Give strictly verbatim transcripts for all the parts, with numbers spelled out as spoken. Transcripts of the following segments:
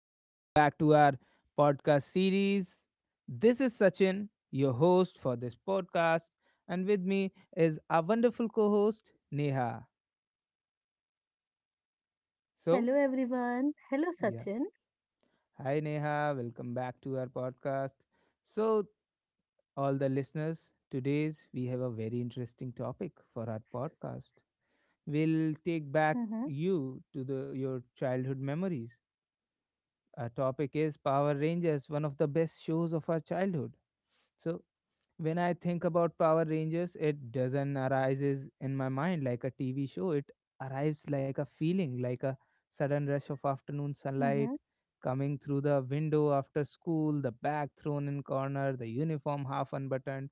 Welcome back to our podcast series. This is Sachin, your host for this podcast, and with me is our wonderful co host, Neha. So, Hello everyone. Hello yeah. Sachin. Hi, Neha. Welcome back to our podcast. So, all the listeners, today's we have a very interesting topic for our podcast. We'll take back Mm-hmm. you to the your childhood memories. Our topic is Power Rangers, one of the best shows of our childhood. So, when I think about Power Rangers, it doesn't arises in my mind like a T V show. It arrives like a feeling, like a sudden rush of afternoon Mm-hmm. sunlight coming through the window after school, the bag thrown in corner, the uniform half unbuttoned,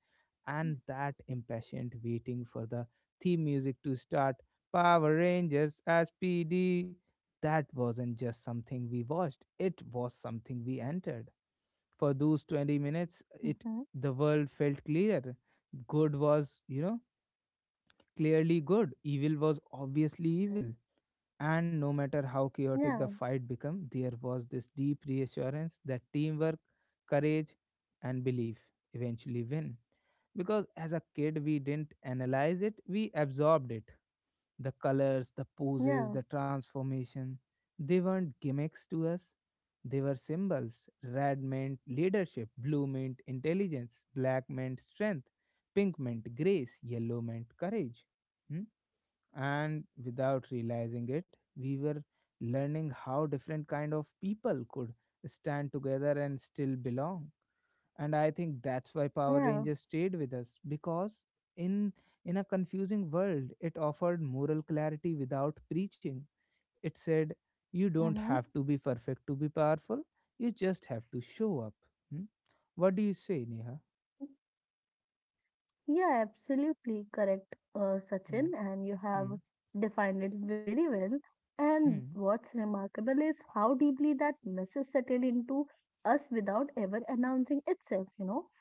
and that impatient waiting for the theme music to start. Power Rangers S P D. That wasn't just something we watched; it was something we entered for those twenty minutes, Mm-hmm. it the world felt clearer. Good was, you know, clearly good. Evil was obviously evil. And no matter how chaotic Yeah. the fight became, there was this deep reassurance that teamwork, courage, and belief eventually win. Because as a kid, we didn't analyze it, we absorbed it. The colors, the Yeah. poses, the transformation, they weren't gimmicks to us. They were symbols. Red meant leadership, blue meant intelligence, black meant strength, pink meant grace, yellow meant courage. Hmm? And without realizing it, we were learning how different kind of people could stand together and still belong. And I think that's why Power Yeah. Rangers stayed with us because in in a confusing world it offered moral clarity without preaching. It said you don't Mm-hmm. have to be perfect to be powerful, you just have to show up. Hmm? What do you say, Neha? Yeah, absolutely correct, uh, Hmm. Sachin, and you Hmm. have defined it very well. And Hmm. what's remarkable is how deeply that message settled into us without ever announcing itself, you know.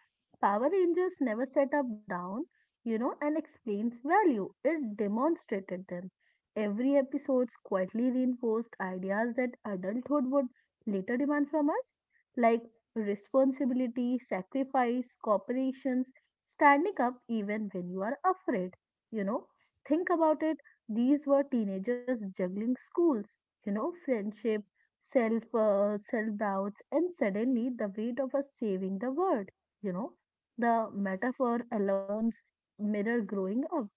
Power Rangers never set up down, you know, and explains value. It demonstrated them. Every episode quietly reinforced ideas that adulthood would later demand from us, like responsibility, sacrifice, cooperation, standing up even when you are afraid. You know, think about it. These were teenagers juggling schools, you know, friendship, self uh, self doubts, and suddenly the weight of us saving the world. You know, the metaphor alone mirror growing up.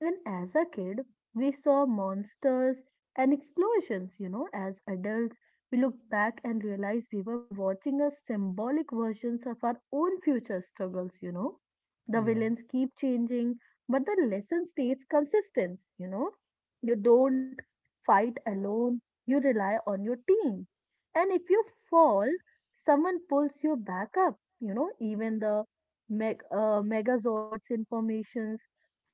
And as a kid, we saw monsters and explosions, you know, as adults, we look back and realize we were watching a symbolic versions of our own future struggles, you know. The Yeah. villains keep changing, but the lesson stays consistent, you know. You don't fight alone, you rely on your team. And if you fall, someone pulls you back up, you know, even the meg- uh, megazords informations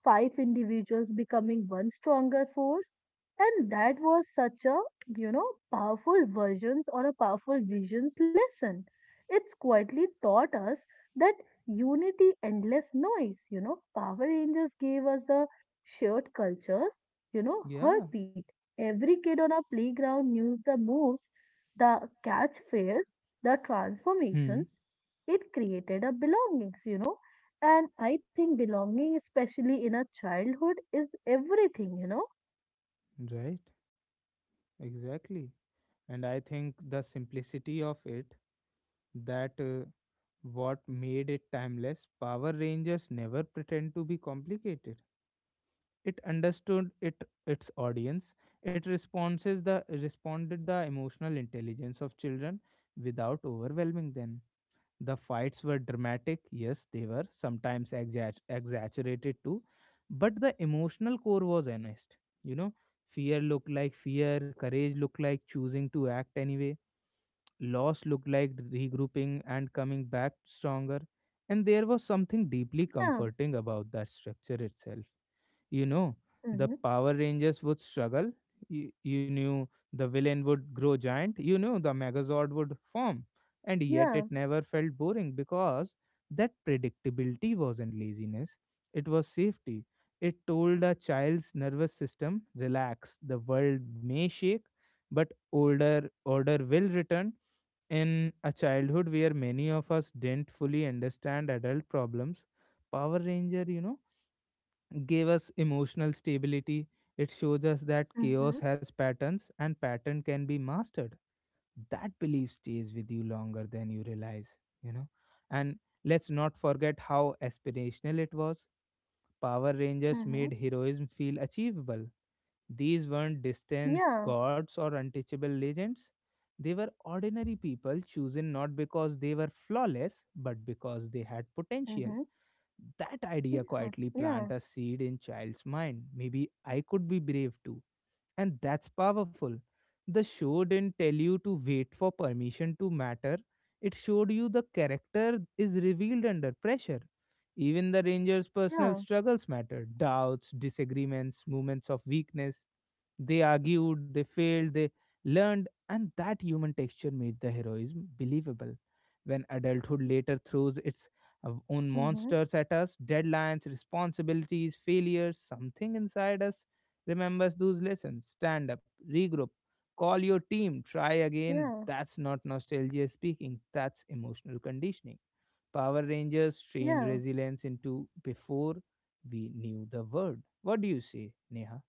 five individuals becoming one stronger force. And that was such a, you know, powerful versions or a powerful visions lesson. It's quietly taught us that unity, endless noise, you know, Power Rangers gave us a shared cultures, you know, Yeah. heartbeat. Every kid on our playground knew the moves, the catchphrase, the Hmm. transformations. It created a belongings, you know and I think belonging, especially in our childhood, is everything, you know? Right. Exactly. And I think the simplicity of it, that uh, what made it timeless. Power Rangers never pretend to be complicated, it understood it its audience, it responses the responded the emotional intelligence of children without overwhelming them. The fights were dramatic, yes, they were sometimes exa- exaggerated too, but the emotional core was honest, you know. Fear looked like fear, courage looked like choosing to act anyway, loss looked like regrouping and coming back stronger. And there was something deeply Yeah. comforting about that structure itself, you know, the Mm-hmm. Power Rangers would struggle. You, you knew the villain would grow giant. You knew the Megazord would form. And yet it Yeah. never felt boring because that predictability wasn't laziness, it was safety. It told a child's nervous system, relax, the world may shake, but older order will return. In a childhood where many of us didn't fully understand adult problems, Power Ranger, you know, gave us emotional stability. It shows us that Mm-hmm. chaos has patterns and pattern can be mastered. That belief stays with you longer than you realize, you know. And let's not forget how aspirational it was. Power Rangers Mm-hmm. made heroism feel achievable. These weren't distant Yeah. gods or untouchable legends. They were ordinary people chosen not because they were flawless, but because they had potential. Mm-hmm. That idea Yeah. quietly planted a Yeah, seed in child's mind. Maybe I could be brave too. And that's powerful. The show didn't tell you to wait for permission to matter, it showed you the character is revealed under pressure. Even the Rangers' personal yeah. struggles mattered doubts, disagreements, moments of weakness. They argued, they failed, they learned, and that human texture made the heroism believable. When adulthood later throws its uh, own Mm-hmm. monsters at us deadlines, responsibilities, failures something inside us remembers those lessons, stand up, regroup, call your team, try again. Yeah. That's not nostalgia speaking, that's emotional conditioning. Power Rangers trained Yeah. resilience into before we knew the word. What do you say, Neha?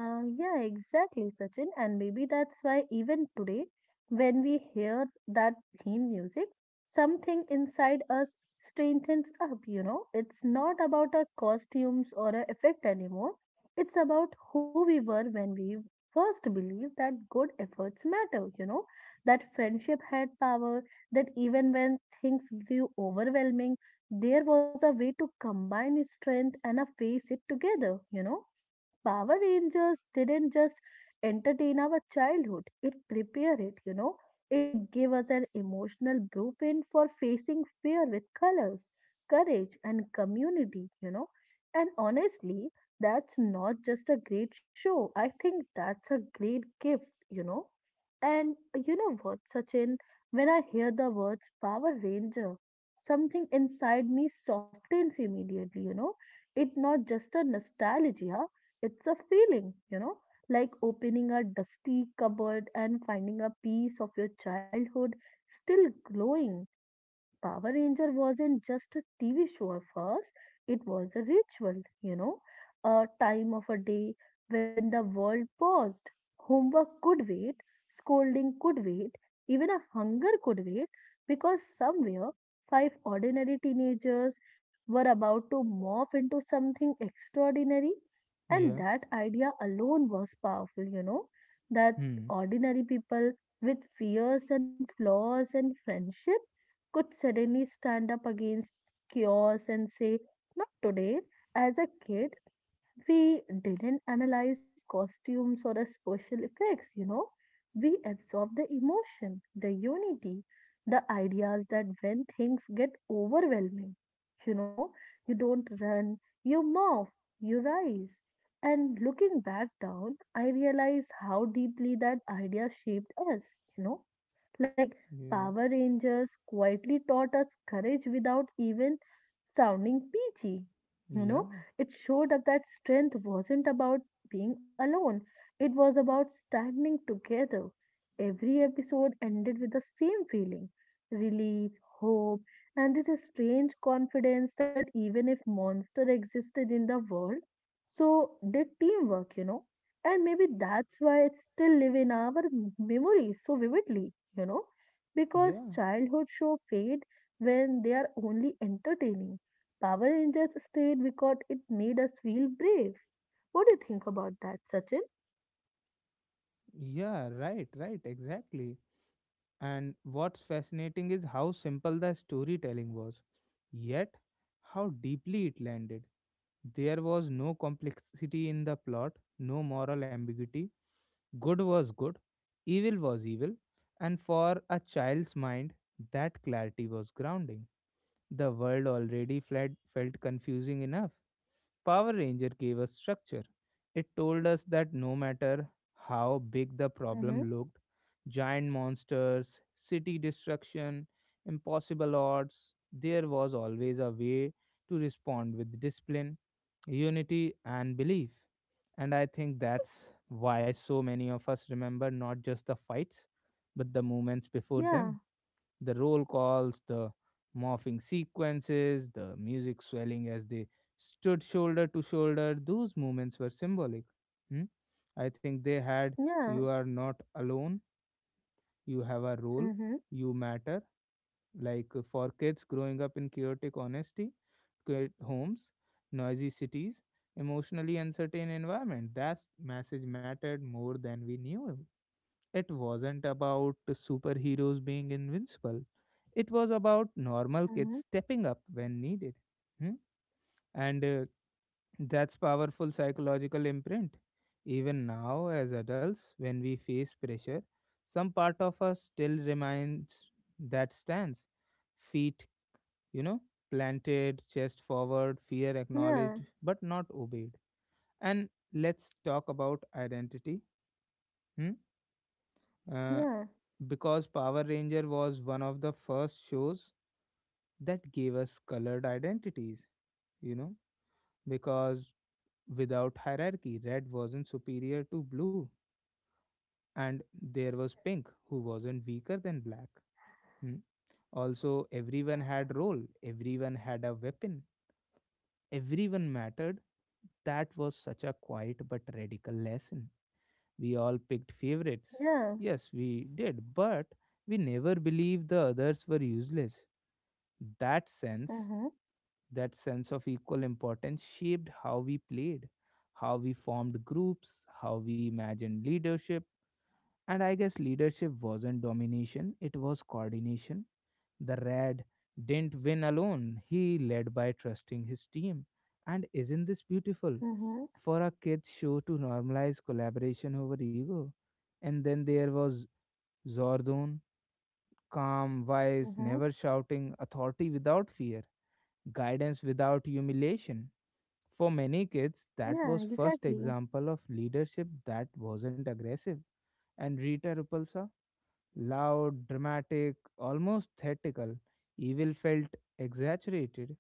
Uh, yeah, exactly, Sachin. And maybe that's why even today, when we hear that theme music, something inside us strengthens up, you know. It's not about our costumes or our effect anymore. It's about who we were when we first believed that good efforts matter, you know, that friendship had power, that even when things grew overwhelming, there was a way to combine strength and a face it together, you know Power Rangers didn't just entertain our childhood, it prepared it, you know. It gave us an emotional blueprint for facing fear with colors, courage, and community, you know. And honestly, that's not just a great show. I think that's a great gift, you know. And uh, you know what, Sachin? When I hear the words Power Ranger, something inside me softens immediately, you know. It's not just a nostalgia, it's a feeling, you know, like opening a dusty cupboard and finding a piece of your childhood still glowing Power Ranger wasn't just a T V show at first, it was a ritual, you know, a time of a day when the world paused. Homework could wait, scolding could wait, even a hunger could wait, because somewhere five ordinary teenagers were about to morph into something extraordinary. And Yeah. that idea alone was powerful, you know, that Hmm. ordinary people with fears and flaws and friendship could suddenly stand up against chaos and say, not today. As a kid, we didn't analyze costumes or a special effects, you know. We absorbed the emotion, the unity, the ideas that when things get overwhelming, you know, you don't run, you move, you rise. And looking back down, I realized how deeply that idea shaped us, you know like Yeah. Power Rangers quietly taught us courage without even sounding peachy. You know, Yeah. it showed up that strength wasn't about being alone, it was about standing together. Every episode ended with the same feeling relief, hope, and this strange confidence that even if monster existed in the world, so did teamwork, you know. And maybe that's why it still live in our m- memory so vividly you know, because Yeah. childhood show fade when they are only entertaining. Power Rangers stayed because it made us feel brave. What do you think about that, Sachin? Yeah. Right. Right. Exactly. And what's fascinating is how simple the storytelling was, yet how deeply it landed. There was no complexity in the plot, no moral ambiguity. Good was good, evil was evil, and for a child's mind, that clarity was grounding. The world already fled, felt confusing enough. Power Ranger gave us structure. It told us that no matter how big the problem Mm-hmm. looked giant monsters, city destruction, impossible odds there was always a way to respond with discipline, unity, and belief. And I think that's why so many of us remember not just the fights, but the moments before them Yeah, the roll calls, the morphing sequences, the music swelling as they stood shoulder to shoulder. Those moments were symbolic. Hmm? I think they had you yeah. are not alone, you have a role, Mm-hmm. you matter. Like uh, for kids growing up in chaotic honesty, great homes, noisy cities, emotionally uncertain environment. That message mattered more than we knew. It wasn't about superheroes being invincible. It was about normal kids Mm-hmm. stepping up when needed. Hmm? And uh, that's powerful psychological imprint. Even now, as adults, when we face pressure, some part of us still remains that stance. Feet, you know, planted, chest forward, fear Yeah, acknowledged but not obeyed. And let's talk about identity. Hmm? Uh, yeah, because Power Ranger was one of the first shows that gave us colored identities, you know, because without hierarchy, red wasn't superior to blue, and there was pink who wasn't weaker than black. Hmm. Also, everyone had role, everyone had a weapon, everyone mattered. That was such a quiet but radical lesson. We all picked favorites. yeah. Yes, we did, but we never believed the others were useless. That sense, Mm-hmm. that sense of equal importance shaped how we played, how we formed groups, how we imagined leadership. And I guess leadership wasn't domination, it was coordination. The Red didn't win alone, he led by trusting his team. And isn't this beautiful? Mm-hmm. For a kids' show to normalize collaboration over ego. And then there was Zordon, calm, wise, Mm-hmm. never shouting, authority without fear, guidance without humiliation. For many kids, that was Yeah, first exactly. example of leadership that wasn't aggressive. And Rita Repulsa loud, dramatic, almost theatrical, evil felt exaggerated,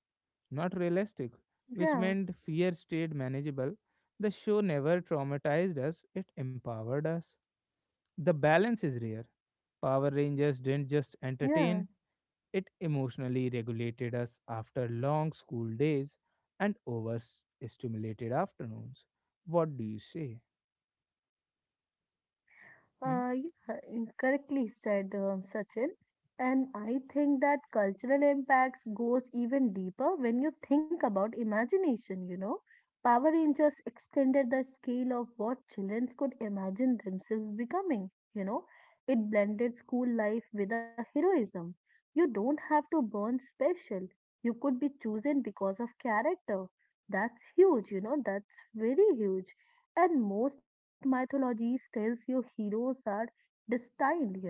not realistic, which Yeah, meant fear stayed manageable. The show never traumatized us, it empowered us. The balance is rare. Power Rangers didn't just yeah. entertain, it emotionally regulated us after long school days and overstimulated afternoons. What do you say? Hmm? Uh, yeah, correctly said uh, Sachin. And I think that cultural impacts goes even deeper when you think about imagination, you know. Power Rangers extended the scale of what children could imagine themselves becoming, you know. It blended school life with a heroism. You don't have to burn special. You could be chosen because of character. That's huge, you know, that's very huge and most mythologies tells you heroes are destined you know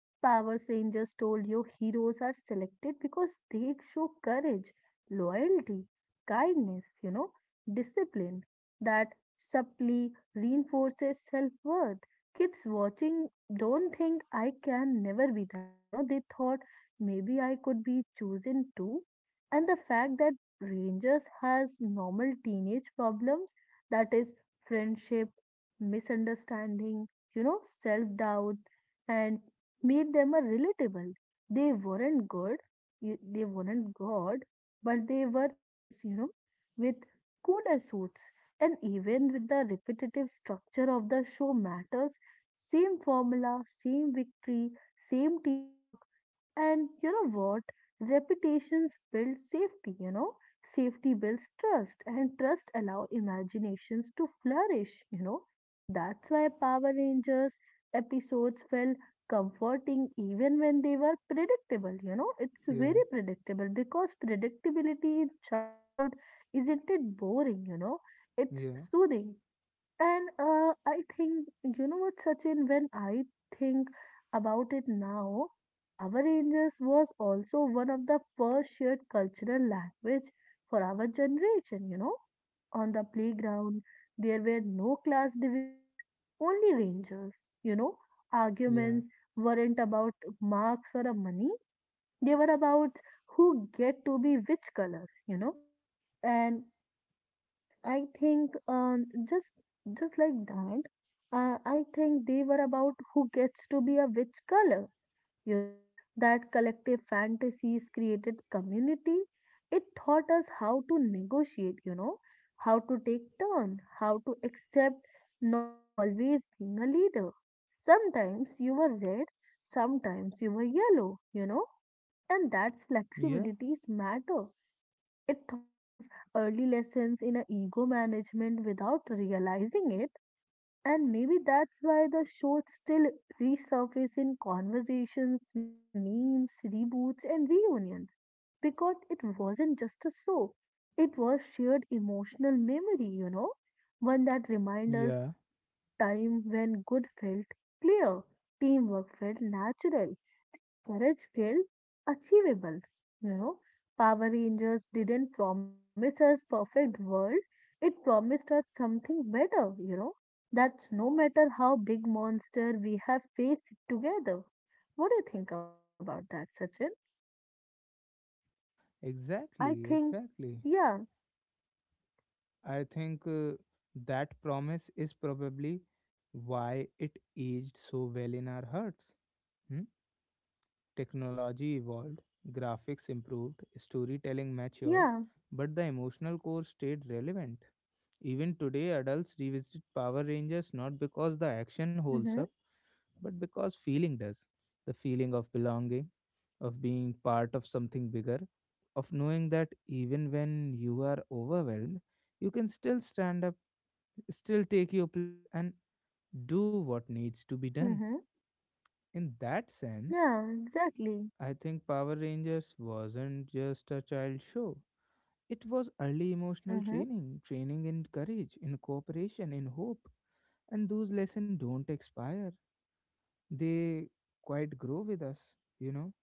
Power Rangers told you heroes are selected because they show courage, loyalty, kindness, you know, discipline that subtly reinforces self worth. Kids watching don't think I can never be that, you know, they thought maybe I could be chosen too. And the fact that Rangers has normal teenage problems that is, friendship, misunderstanding, you know, self doubt and made them a relatable. They weren't good, y- they weren't God, but they were us, you know, with cooler suits. And even with the repetitive structure of the show matters, same formula, same victory, same teamwork, and you know what? Repetitions build safety, you know. Safety builds trust, and trust allow imaginations to flourish, you know. That's why Power Rangers episodes felt comforting even when they were predictable you know it's Yeah, very predictable because predictability in childhood isn't it boring you know it's yeah, soothing. And uh, I think, you know what, Sachin, when I think about it now, Power Rangers was also one of the first shared cultural language for our generation, you know. On the playground, there were no class divisions, only rangers, you know. yeah, Arguments weren't about marks or money, they were about who get to be which color, you know. And I think um, just just like that, uh, I think they were about who gets to be a which color. You know that collective fantasies created community. It taught us how to negotiate. You know how to take turn, how to accept not always being a leader. Sometimes you were red, sometimes you were yellow. You know, and that's yeah, flexibilities matter it taught us early lessons in a ego management without realizing it, and maybe that's why the show still resurfaces in conversations, memes, reboots, and reunions. Because it wasn't just a show, it was shared emotional memory, you know, one that reminds us yeah. a time when good felt clear, teamwork felt natural, courage felt achievable. You know, Power Rangers didn't promise us perfect world. It promised us something better, you know, that no matter how big monster we have faced together. What do you think about that, Sachin? I Exactly, think. exactly. Yeah, I think uh, that promise is probably why it aged so well in our hearts. Hmm? Technology evolved, graphics improved, storytelling matured, yeah. but the emotional core stayed relevant. Even today, adults revisit Power Rangers not because the action holds up, Mm-hmm. but because feeling does. The feeling of belonging, of being part of something bigger, of knowing that even when you are overwhelmed, you can still stand up, still take your place, and do what needs to be done. Mm-hmm. In that sense, Yeah, exactly. I think Power Rangers wasn't just a child show. It was early emotional Mm-hmm. training, training in courage, in cooperation, in hope. And those lessons don't expire. They quite grow with us, you know.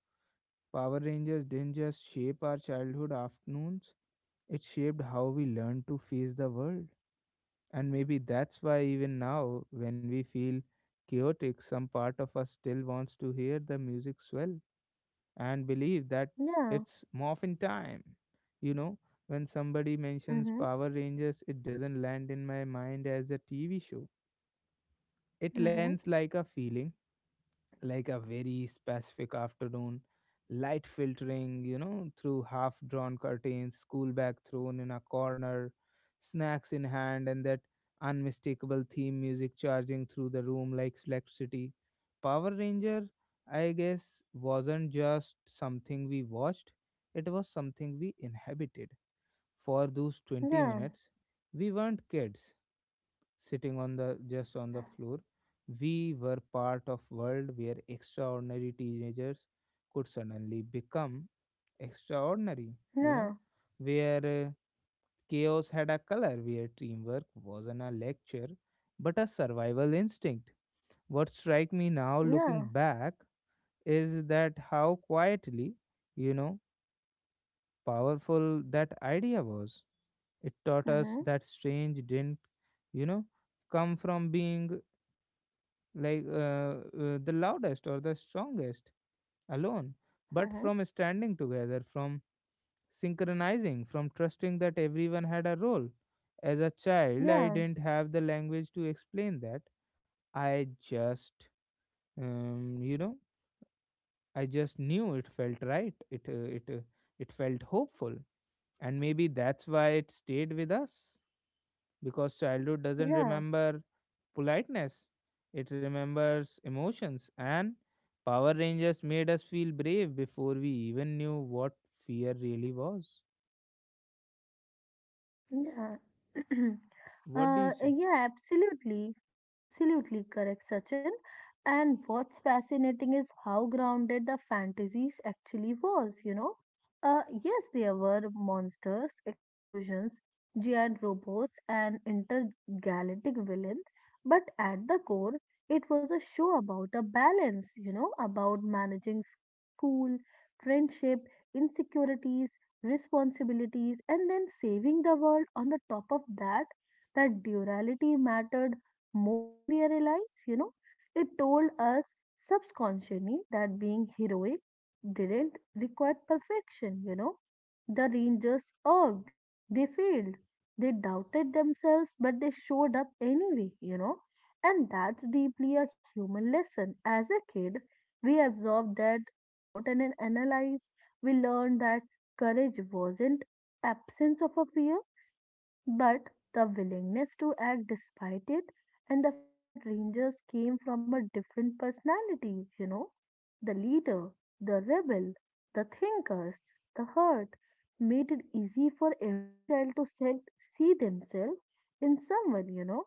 Power Rangers didn't just shape our childhood afternoons, it shaped how we learned to face the world. And maybe that's why, even now, when we feel chaotic, some part of us still wants to hear the music swell and believe that Yeah. it's morphin time. You know, when somebody mentions Mm-hmm. Power Rangers, it doesn't land in my mind as a T V show. It Mm-hmm. lands like a feeling, like a very specific afternoon, light filtering, you know, through half drawn curtains, school bag thrown in a corner, snacks in hand, and that unmistakable theme music charging through the room like electricity. Power Ranger, I guess, wasn't just something we watched, it was something we inhabited. For those twenty Yeah, minutes, we weren't kids, sitting on the just on the floor. We were part of world where extraordinary teenagers could suddenly become extraordinary, you yeah, know, where uh, chaos had a color, where teamwork wasn't a lecture but a survival instinct. What strike me now looking yeah. back is that how quietly, you know, powerful that idea was. It Mm-hmm. taught us that strange didn't, you know, come from being like uh, uh, the loudest or the strongest alone, Mm-hmm. but from standing together, from synchronizing, from trusting that everyone had a role. As a child, I Yeah, didn't have the language to explain that. I just, um, you know, I just knew it felt right. It uh, it uh, it felt hopeful, and maybe that's why it stayed with us because childhood doesn't yeah. remember politeness. It remembers emotions, and Power Rangers made us feel brave before we even knew what fear really was. Yeah. What do Uh, you say? yeah, absolutely. Absolutely correct, Sachin. And what's fascinating is how grounded the fantasies actually was, you know. Uh, yes, there were monsters, explosions, giant robots, and intergalactic villains, but at the core, it was a show about a balance, you know, about managing school, friendship, insecurities, responsibilities, and then saving the world on the top of that, that duality mattered more than we realized, you know. It told us subconsciously that being heroic didn't require perfection, you know. The Rangers urged, they failed, they doubted themselves, but they showed up anyway, you know. And that's deeply a human lesson. As a kid, we absorb that without an an- analyze. We learn that courage wasn't absence of a fear, but the willingness to act despite it and the fact that rangers came from a different personalities, you know, the leader, the rebel, the thinkers, the hurt made it easy for every child to se- see themselves in someone, you know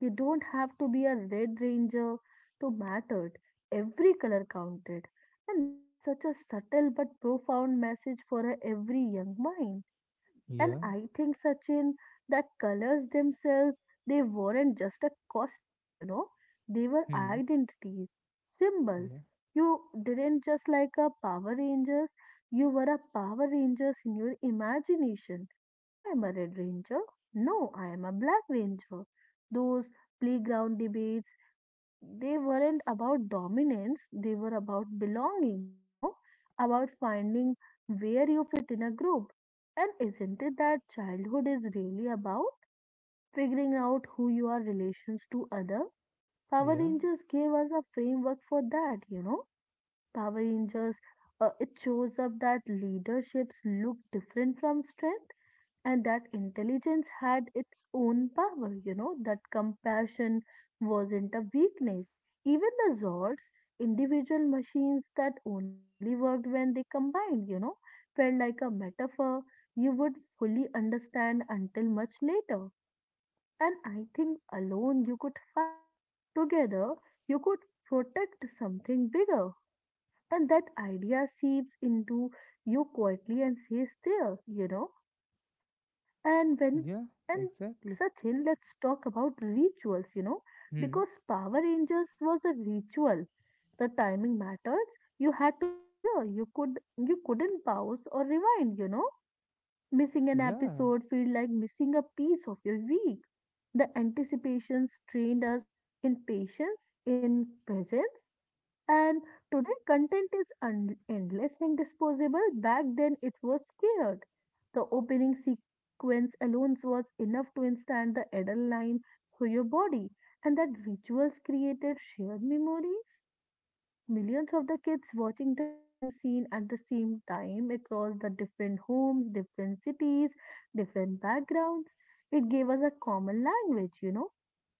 you don't have to be a Red Ranger to matter. Every color counted. And that's such a subtle but profound message for a every young mind. And Yeah. I think, Sachin, that colors themselves, they weren't just a costume, you know, they were Hmm. identities, symbols. Yeah. You didn't just like a Power Rangers, you were a Power Rangers in your imagination. I am a Red Ranger. No, I am a Black Ranger. Those playground debates, they weren't about dominance, they were about belongings, you know, about finding where you fit in a group. And isn't it that childhood is really about figuring out who you are relations to other? Power Yeah. Rangers gave us a framework for that, you know Power Rangers, uh, it shows up that leaderships look different from strength and that intelligence had its own power, you know, that compassion wasn't a weakness. Even the Zords, individual machines that only worked when they combined, you know, felt like a metaphor you would fully understand until much later. And I think alone you could fight, together you could protect something bigger. And that idea seeps into you quietly and stays there, you know. And when, Yeah. and Exactly. Sachin, let's talk about rituals, you know, Hmm. because Power Rangers was a ritual. The timing matters. You had to be there. You could, you couldn't pause or rewind, you know. Missing an Yeah. episode feel like missing a piece of your week. The anticipations trained us in patience, in presence, and today, content is un- endless and disposable. Back then, it was scared. The opening sequence alone was enough to instant the adrenaline through your body, and that rituals created shared memories. Millions of the kids watching the same scene at the same time across the different homes, different cities, different backgrounds. It gave us a common language, you know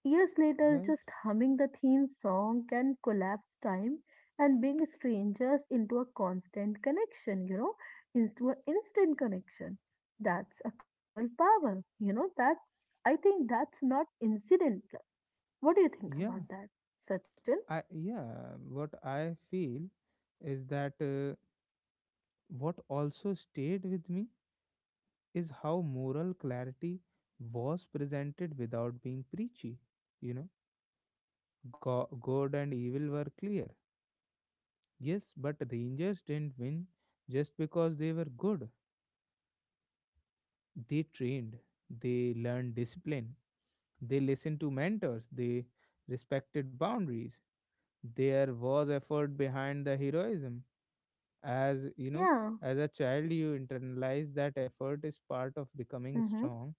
Years later, Right. just humming the theme song can collapse time and bring strangers into a constant connection, you know, into an instant connection. That's a cultural power, you know, that's, I think that's not incidental. What do you think Yeah. about that, Sachin? I. Yeah. What I feel is that uh, what also stayed with me is how moral clarity was presented without being preachy. You know Go- good and evil were clear. Yes, but rangers didn't win just because they were good. They trained, they learned discipline, they listened to mentors, they respected boundaries. There was effort behind the heroism. As you know, Yeah, as a child, you internalize that effort is part of becoming mm-hmm. strong,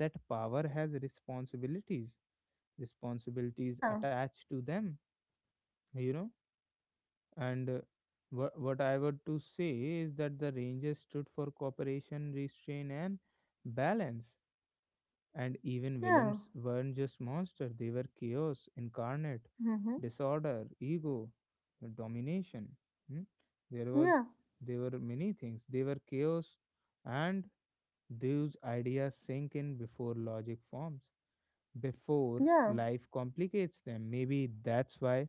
that power has responsibilities, responsibilities Yeah, attached to them, you know And uh, what what I would to say is that the Rangers stood for cooperation, restraint, and balance. And even yeah, Williams weren't just monsters; they were chaos incarnate, mm-hmm. disorder, ego, uh, domination. Hmm? There was, Yeah, there were many things. They were chaos, and those ideas sink in before logic forms, before yeah, life complicates them. Maybe that's why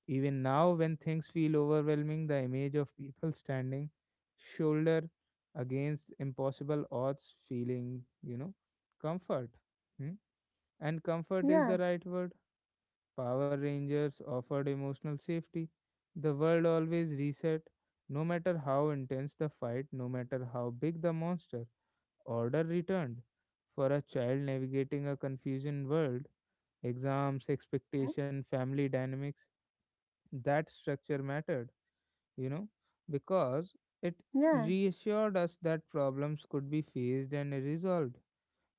even now, when things feel overwhelming, the image of people standing shoulder against impossible odds, feeling, you know, comfort. Hmm? And comfort is yeah, the right word. Power Rangers offered emotional safety. The world always reset, no matter how intense the fight, no matter how big the monster. Order returned. For a child navigating a confusion world, exams, mm-hmm. expectation, family dynamics, that structure mattered you know, because it Yeah, reassured us that problems could be faced and resolved,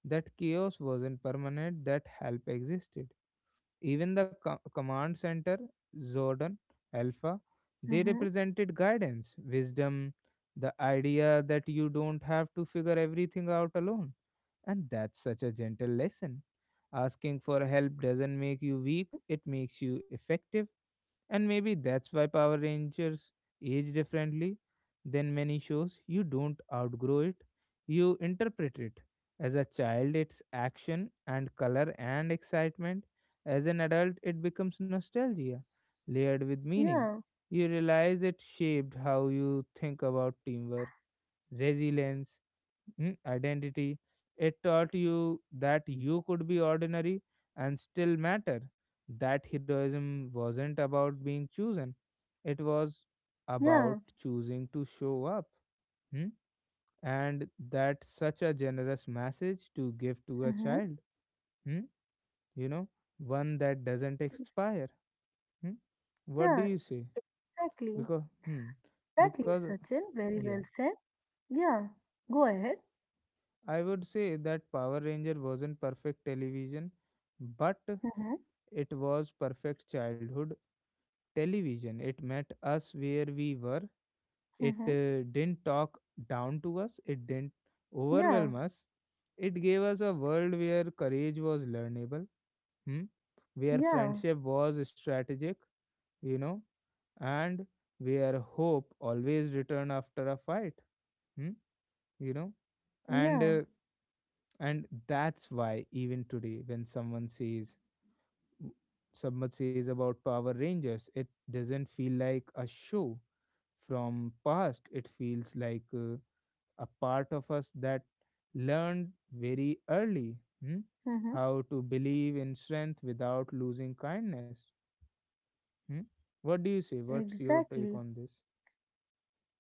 that chaos wasn't permanent, that help existed. Even the co- command center, Zordon, Alpha, they mm-hmm. represented guidance, wisdom, the idea that you don't have to figure everything out alone. And that's such a gentle lesson. Asking for help doesn't make you weak, Mm-hmm. it makes you effective, and maybe that's why Power Rangers age differently than many shows. You don't outgrow it, you interpret it. As a child, it's action and color and excitement. As an adult, it becomes nostalgia, layered with meaning. Yeah, You realize it shaped how you think about teamwork, resilience, mm, identity. It taught you that you could be ordinary and still matter. That heroism wasn't about being chosen, it was about yeah, choosing to show up. mm. And that's such a generous message to give to a mm-hmm. child, mm, you know, one that doesn't expire. mm. What do Yeah, you say? exactly. Because, hmm, Exactly, because, Sachin. Very yeah, well said. Yeah. Go ahead. I would say that Power Ranger wasn't perfect television, but Mm-hmm. it was perfect childhood television. It met us where we were. It Mm-hmm. uh, didn't talk down to us, it didn't Yeah. overwhelm us. It gave us a world where courage was learnable, hmm? where Yeah. friendship was strategic, you know, and where hope always returned after a fight, hmm? you know and uh, Yeah. and that's why even today when someone says Submat says about Power Rangers, it doesn't feel like a show from past. It feels like uh, a part of us that learned very early, hmm, Mm-hmm. how to believe in strength without losing kindness. hmm. What do you say? What's your take Exactly. on this?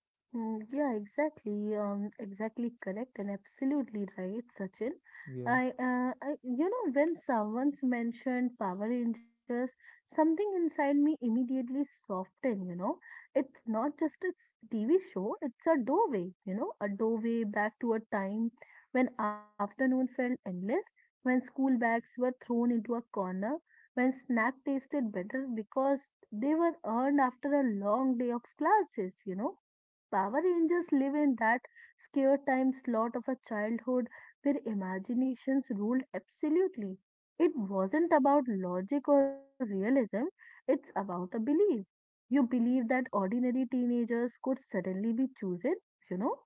Mm, yeah, exactly. Um, exactly correct and absolutely right, Sachin. Yeah, I, uh, I, you know, when someone's mentioned Power Rangers, something inside me immediately softened, you know. It's not just a s- T V show, it's a doorway, you know, a doorway back to a time when afternoon felt endless, when school bags were thrown into a corner, when snack tasted better because they were earned after a long day of classes, you know Power Rangers live in that scare time slot of a childhood where imaginations ruled absolutely. It wasn't about logic or realism, it's about a belief. You believe that ordinary teenagers could suddenly be chosen, you know,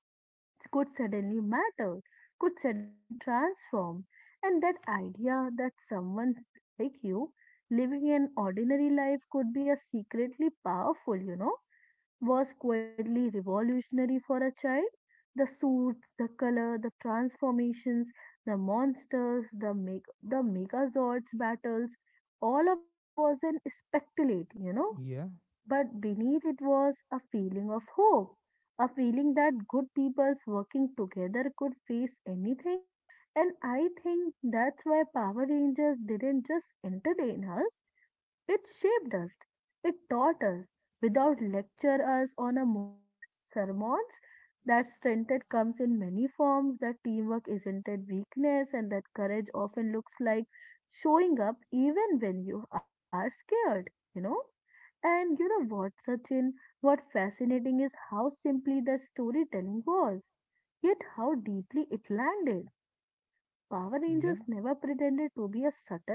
could suddenly matter, could suddenly transform. And that idea that someone like you living an ordinary life could be a secretly powerful, you know was quietly revolutionary for a child. The suits, the color, the transformations, the monsters, the meg- the megazords battles, all of that was an speculate, you know. yeah, But beneath it was a feeling of hope, a feeling that good peoples working together could face anything. And I think that's why Power Rangers didn't just entertain us, it shaped us, it taught us, without lecture us on a moral sermons. That strength that comes in many forms, that teamwork isn't a weakness, and that courage often looks like showing up even when you are scared, you know? And you know what, Sachin? What fascinating is how simply the storytelling was, yet how deeply it landed. Power Rangers yeah, never pretended to be a subtle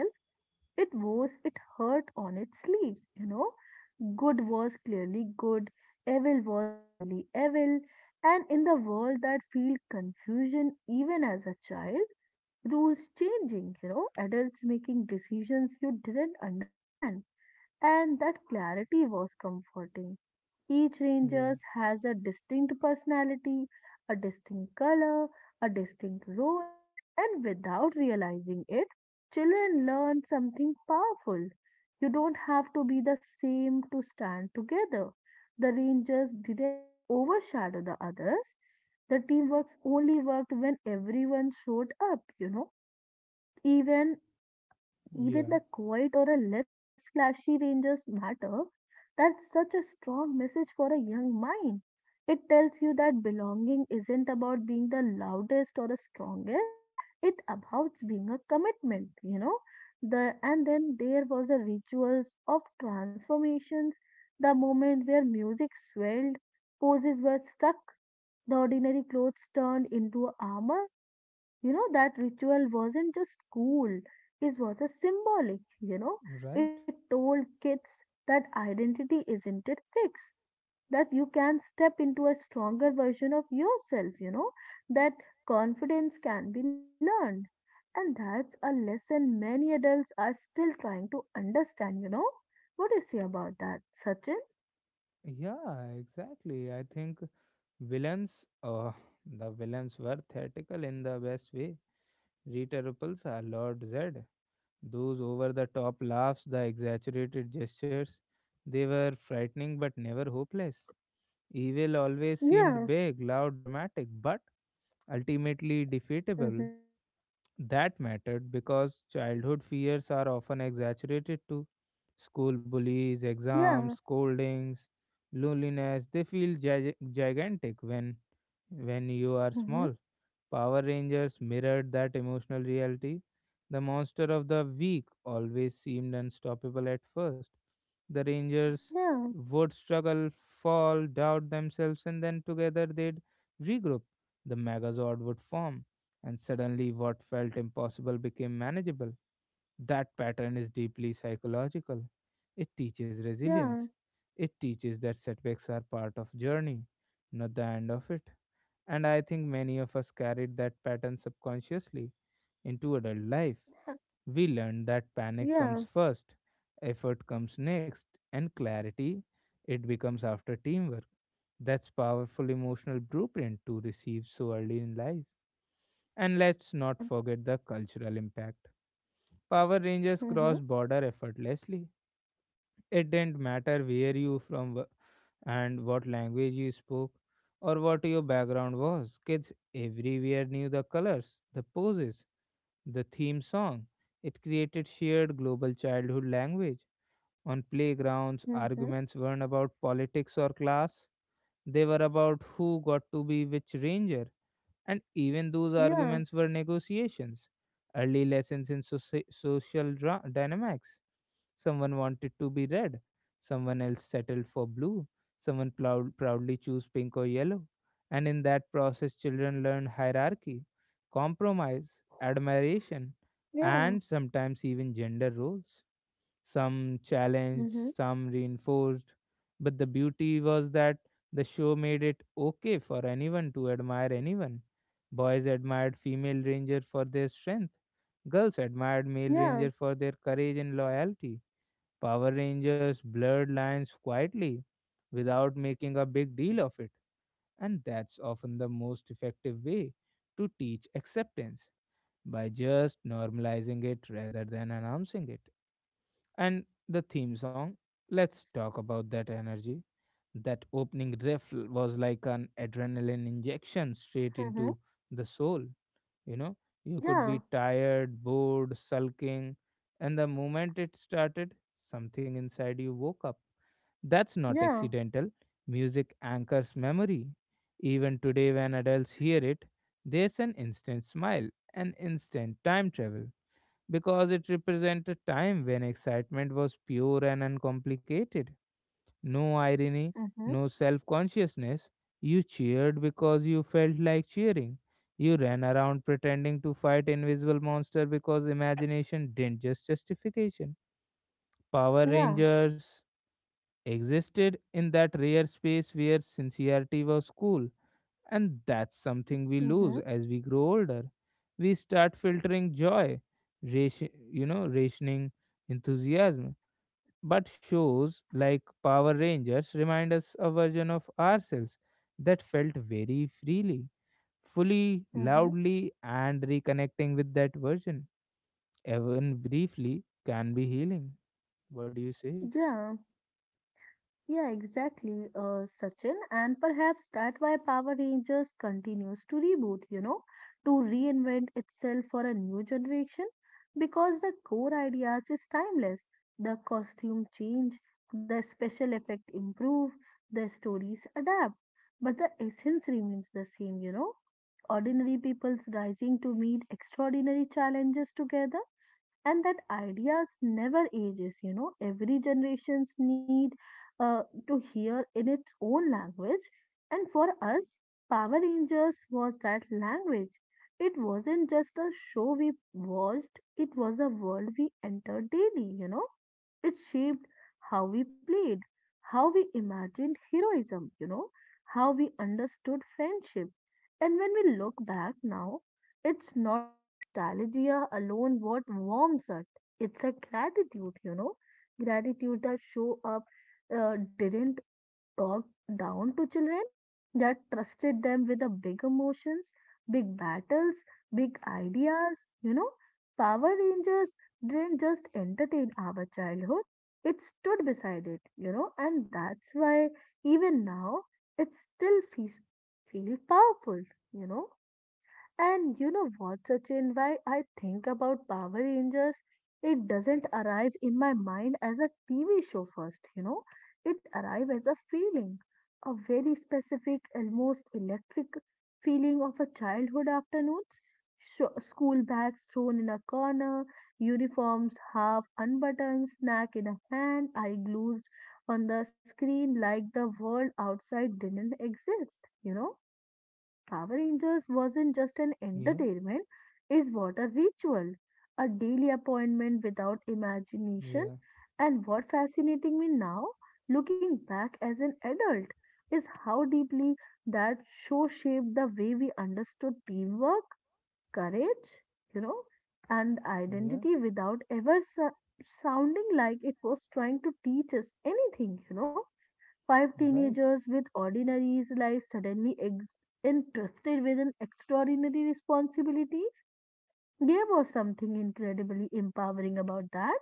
it was, It hurt on its sleeves, you know. Good was clearly good, evil was clearly evil, and in the world that feel confusion even as a child, rules changing, you know, adults making decisions you didn't understand. And that clarity was comforting. Each yeah, ranger has a distinct personality, a distinct color, a distinct role, and without realizing it, children learn something powerful. You don't have to be the same to stand together. The rangers didn't overshadow the others. The teamwork only worked when everyone showed up, you know. Even even yeah. the quiet or a less flashy ranges matter, that's such a strong message for a young mind. It tells you that belonging isn't about being the loudest or the strongest, it about being a commitment, you know. The And then there was the rituals of transformations, the moment where music swelled, poses were stuck, the ordinary clothes turned into armor you know, that ritual wasn't just cool, it was a symbolic, you know. Right. It told kids that identity isn't it fixed, that you can step into a stronger version of yourself, you know, that confidence can be learned. And that's a lesson many adults are still trying to understand, you know. What do you say about that, Sachin? Yeah, exactly. I think villains, uh, the villains were theatrical in the best way. Rita Repulsa, Lord Zed. Those over the top laughs, the exaggerated gestures, they were frightening but never hopeless. Evil always seemed Yeah. big, loud, dramatic, but ultimately defeatable. Mm-hmm. That mattered because childhood fears are often exaggerated too. School bullies, exams, Yeah. scoldings, loneliness, they feel gig- gigantic when when you are Mm-hmm. small. Power Rangers mirrored that emotional reality. The monster of the week always seemed unstoppable at first. The Rangers Yeah. would struggle, fall, doubt themselves, and then together they'd regroup. The Megazord would form, and suddenly what felt impossible became manageable. That pattern is deeply psychological. It teaches resilience. Yeah. It teaches that setbacks are part of journey, not the end of it. And I think many of us carried that pattern subconsciously into adult life. We learned that panic comes Yeah. first, effort comes next, and clarity it becomes after teamwork. That's powerful emotional blueprint to receive so early in life. And let's not Yeah. forget the cultural impact. Power Rangers Mm-hmm. cross border effortlessly. It didn't matter where you from wh- and what language you spoke or what your background was, kids everywhere knew the colors, the poses, the theme song. It created shared global childhood language. On playgrounds, Mm-hmm. arguments weren't about politics or class, they were about who got to be which ranger, and even those Yeah. arguments were negotiations, early lessons in soci- social dra- dynamics. Someone wanted to be red, someone else settled for blue, someone plou- proudly chose pink or yellow. And in that process, children learn hierarchy, compromise, admiration, Yeah. and sometimes even gender roles, some challenged, Mhm. some reinforced. But the beauty was that the show made it okay for anyone to admire anyone. Boys admired female ranger for their strength. Girls admired male Yeah. ranger for their courage and loyalty. Power Rangers blurred lines quietly without making a big deal of it, and that's often the most effective way to teach acceptance, by just normalizing it rather than announcing it. And the theme song, let's talk about that energy. That opening riff l- was like an adrenaline injection straight Mhm. into the soul. You know, you could be Yeah. tired, bored, sulking, and the moment it started, something inside you woke up. That's not Yeah. accidental. Music anchors memory. Even today, when adults hear it, there's an instant smile, an instant time travel because it represents a time when excitement was pure and uncomplicated. No irony, Mhm. no self consciousness. You cheered because you felt like cheering. You ran around pretending to fight invisible monster because imagination didn't just justification. Power Yeah. Rangers existed in that rare space where sincerity was cool, and that's something we lose Mhm. as we grow older. We start filtering joy, ration, you know, rationing enthusiasm. Mhm. But shows like Power Rangers remind us a version of ourselves that felt very freely, fully, Mhm. loudly, and reconnecting with that version, even briefly, can be healing. What do you say? Yeah. Yeah, exactly, uh, Sachin. And perhaps that why Power Rangers continues to reboot, you know, to reinvent itself for a new generation because the core ideas is timeless. The costume change, the special effect improve, the stories adapt, but the essence remains the same, you know. Ordinary people's rising to meet extraordinary challenges together and that ideas never ages you know Every generations need uh, to hear in its own language and for us Power Rangers was that language. It wasn't just a show we watched, it was a world we entered daily you know It shaped how we played, how we imagined heroism you know how we understood friendship. And when we look back now, it's not a nostalgia alone what warms us. It's a gratitude, you know. Gratitude that show up uh, didn't talk down to children, that trusted them with the big emotions, big battles, big ideas, you know. Power Rangers didn't just entertain our childhood, it stood beside it, you know, and that's why even now it still feels feel powerful, you know. And you know what, Sachin, why I think about Power Rangers? It doesn't arrive in my mind as a T V show first, you know. It arrives as a feeling, a very specific, almost electric feeling of a childhood afternoons. Sho school bags thrown in a corner, uniforms half unbuttoned, snack in a hand, eye glued on the screen like the world outside didn't exist, you know Power Rangers wasn't just an Yeah, entertainment, it was a ritual, a daily appointment without imagination. yeah, And what fascinating me now, looking back as an adult, is how deeply that show shaped the way we understood teamwork, courage, you know, and yeah, identity without ever so- sounding like it was trying to teach us anything, you know. Five right. teenagers with ordinary lives suddenly ex- entrusted with an extraordinary responsibilities. There was something incredibly empowering about that.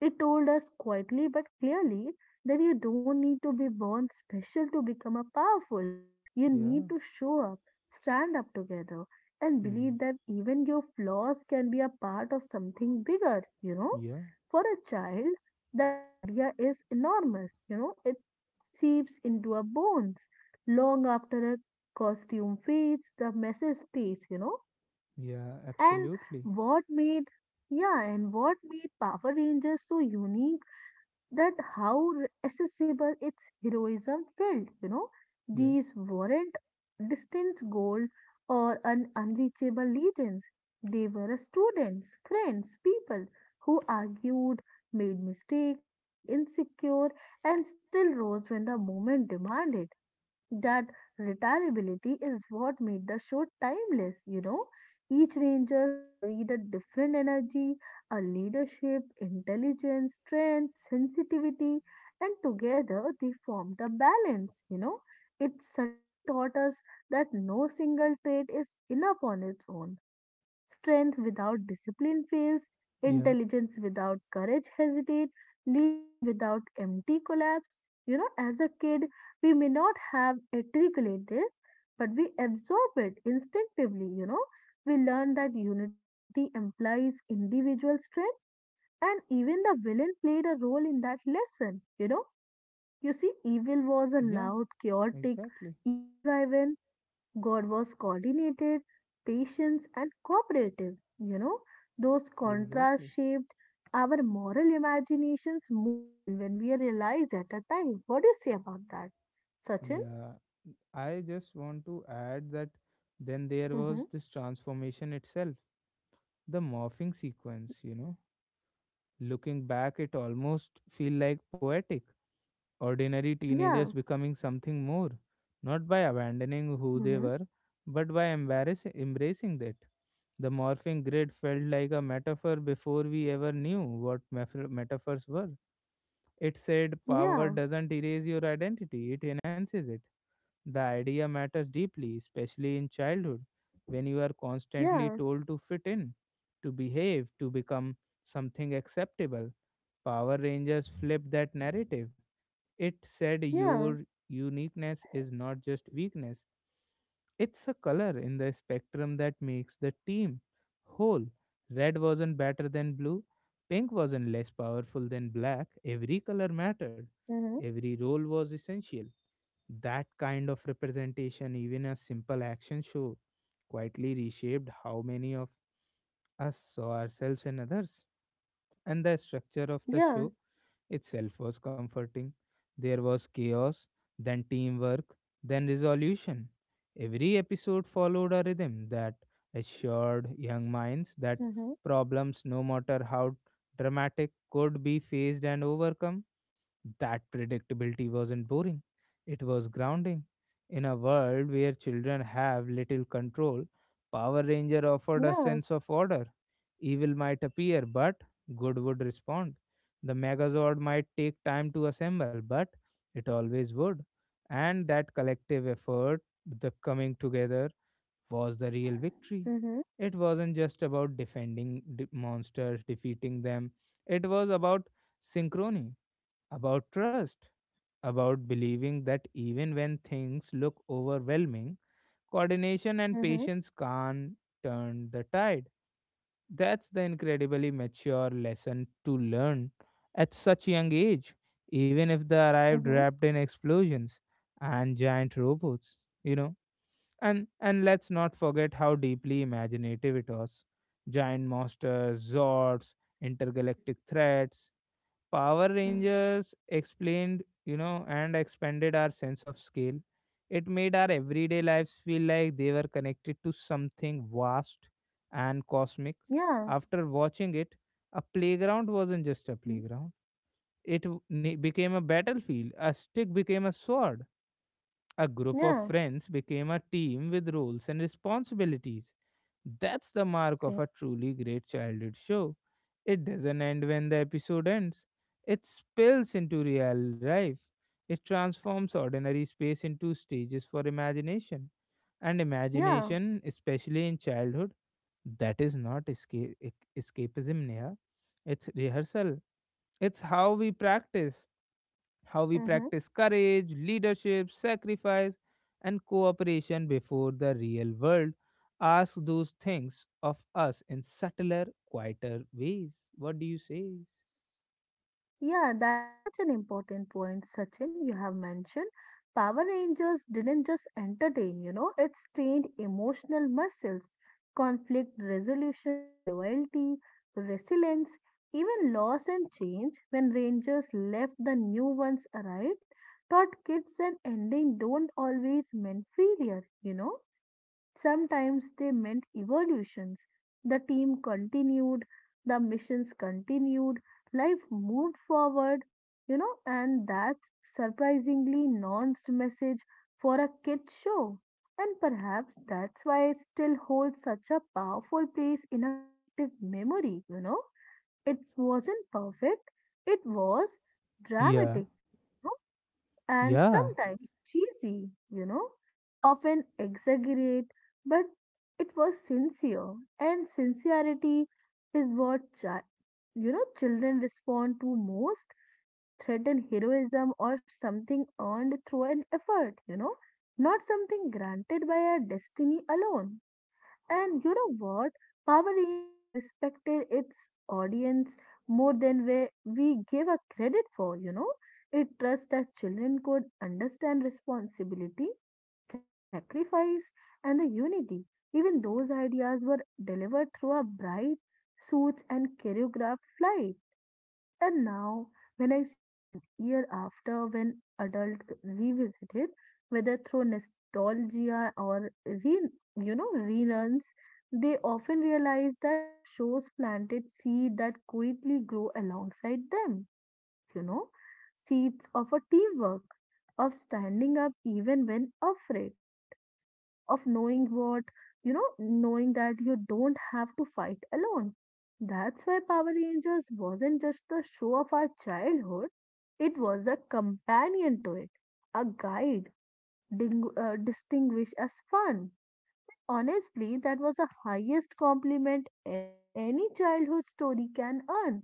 It told us quietly but clearly that you don't need to be born special to become a powerful. You Yeah, need to show up, stand up together, and hmm, believe that even your flaws can be a part of something bigger, you know. yeah, For a child, that idea is enormous, you know, It seeps into our bones. Long after a costume fades, the message stays, you know. yeah, And absolutely. what made yeah, and what made Power Rangers so unique that how re- accessible its heroism felt, you know. Yeah. These weren't distant gold or an unreachable legends. They were students, friends, people who argued, made mistakes, feel insecure, and still rose when the moment demanded that retirability is what made the show timeless, you know. Each Rangers carried a different energy, a leadership, intelligence, strength, sensitivity, and together they formed a balance, you know. It subtly taught us that no single trait is enough on its own. Strength without discipline fails, Yeah, intelligence without courage hesitate, leadership without empty collapse. You know, as a kid, we may not have articulate this, but we absorb it instinctively, you know. We learn that unity implies individual strength, and even the villain played a role in that lesson, you know. You see, evil was a yeah, loud, chaotic, exactly, ego driven. God was coordinated, patient, and cooperative. You know, those contrasts exactly. shaped our moral imaginations more than when we realized at the time. What do you say about that, Sachin? Yeah, I just want to add that then there was Mm-hmm. this transformation itself, the morphing sequence, you know. Looking back, it almost feel like poetic. Ordinary Yeah. teenagers becoming something more, not by abandoning who they Mm-hmm. were, but by embarrassing, embracing that. The morphing grid felt like a metaphor before we ever knew what mef- metaphors were. It said power Yeah. doesn't erase your identity, it enhances it. The idea matters deeply, especially in childhood, when you are constantly Yeah. told to fit in, to behave, to become something acceptable. Power Rangers flipped that narrative. It said Yeah. your uniqueness is not just weakness, it's a color in the spectrum that makes the team whole. Red wasn't better than blue, pink wasn't less powerful than black. Every color mattered, Mm-hmm. every role was essential. That kind of representation, even a simple action show, quietly reshaped how many of us saw ourselves and others. And the structure of the Yeah. show itself was comforting. There was chaos, then teamwork, then resolution. Every episode followed a rhythm that assured young minds that Mm-hmm. problems, no matter how dramatic, could be faced and overcome, that predictability wasn't boring, it was grounding. In a world where children have little control, Power Ranger offered a Yeah. sense of order. Evil might appear, but good would respond. The Megazord might take time to assemble, but it always would. And that collective effort, the coming together, was the real victory. Mm-hmm. It wasn't just about defending de- monsters, defeating them, it was about synchrony, about trust, about believing that even when things look overwhelming, coordination and Mm-hmm. patience can turn the tide. That's the incredibly mature lesson to learn at such young age, even if they arrived Mm-hmm. wrapped in explosions and giant robots, you know. And and let's not forget how deeply imaginative it was. Giant monsters, zords, intergalactic threats, Power Mm-hmm. Rangers explained, you know, and expanded our sense of scale. It made our everyday lives feel like they were connected to something vast and cosmic. Yeah. After watching it, a playground wasn't just a Mm, playground, it w- ne- became a battlefield, a stick became a sword, a group of yeah. friends became a team with roles and responsibilities. That's the mark of Okay. a truly great childhood show. It doesn't end when the episode ends, it spills into real life. It transforms ordinary space into stages for imagination. And Yeah. imagination, especially in childhood, that is not escape, escapism, Neha. It's rehearsal, it's how we practice how we Mm-hmm. practice courage, leadership, sacrifice, and cooperation before the real world asks those things of us in subtler, quieter ways. What do you say? Yeah, that's such an important point, Sachin, you have mentioned. Power Rangers didn't just entertain, you know, it trained emotional muscles, conflict resolutions, loyalty, resilience, even loss and change. When Rangers left, the new ones arrived, taught kids that ending don't always mean failure, you know. Sometimes they meant evolutions. The team continued, the missions continued, life moved forward, you know, and that's surprisingly nuanced message for a kid show. And perhaps that's why it still holds such a powerful place in a collective memory, you know. It wasn't perfect, it was Yeah, dramatic and yeah, sometimes cheesy, you know, often exaggerate, but it was sincere, and sincerity is what chi- you know children respond to most. It threatened heroism or something earned through an effort, you know, not something granted by our destiny alone. And you know what? Power Rangers respected its audience more than we, we gave a credit for, you know. It trusts that children could understand responsibility, sacrifice, and the unity. Even those ideas were delivered through a bright suits and choreographed flight. And now, when I see a year after when adult revisit it, whether through nostalgia or re, you know relearns, they often realize that the shows planted seed that quickly grow alongside them. You know, seeds of a teamwork, of standing up even when afraid, of knowing what, you know, knowing that you don't have to fight alone. That's why Power Rangers wasn't just the show of our childhood, it was a companion to it, a guide ding- uh, distinguished as fun. Honestly, that was the highest compliment a- any childhood story can earn.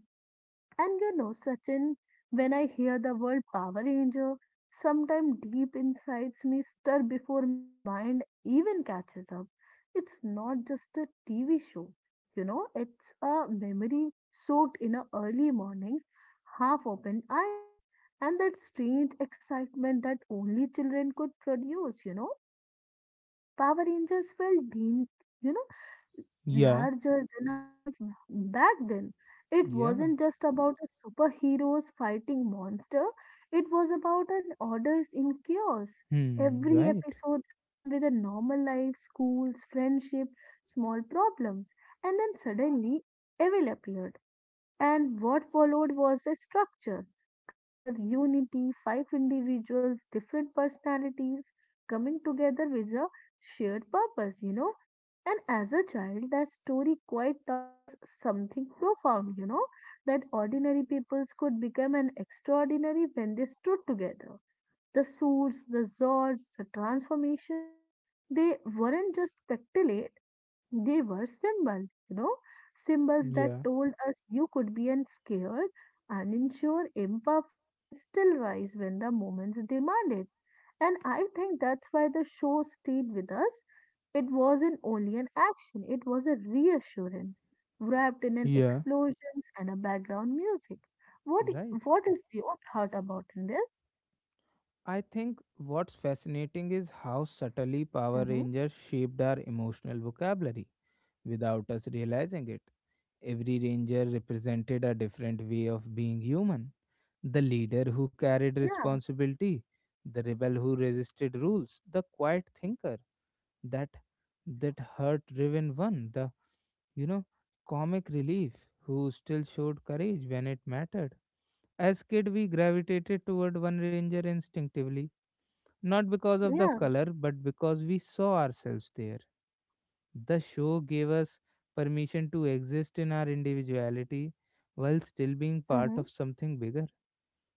And you know, Sachin, when I hear the word Power Ranger, sometimes deep insides me stir before my mind even catches up. It's not just a T V show, you know, it's a memory soaked in a early morning's half opened eyes and that strange excitement that only children could produce, you know. Power Rangers felt, you know, yeah, larger than a life back then. It yeah. wasn't just about a superheroes fighting monster, it was about an orders in chaos. Hmm, Every right. episode began with a normal life, schools, friendship, small problems, and then suddenly evil appeared. And what followed was a structure, color, unity, five individuals, different personalities coming together with a shared purpose, you know. And as a child, that story quite taught us something profound, you know, that ordinary peoples could become an extraordinary when they stood together. The suits, the zords, the transformations, they weren't just spectacle they were symbols, you know, symbols that Yeah, told us you could be unscared, unsure, imperfect, and still rise when the moments demand it. And I think that's why the show stayed with us. It wasn't only an action, it was a reassurance wrapped in an yeah, explosions and a background music. What right. what is your thought about in this? I think what's fascinating is how subtly Power Mm-hmm. Rangers shaped our emotional vocabulary without us realizing it. Every ranger represented a different way of being human, the leader who carried Yeah, responsibility, the rebel who resisted rules, the quiet thinker, that that hurt driven one, the you know comic relief who still showed courage when it mattered. As kid we gravitated toward one ranger instinctively, not because of the yeah, color but because we saw ourselves there. The show gave us permission to exist in our individuality while still being part mm-hmm. of something bigger.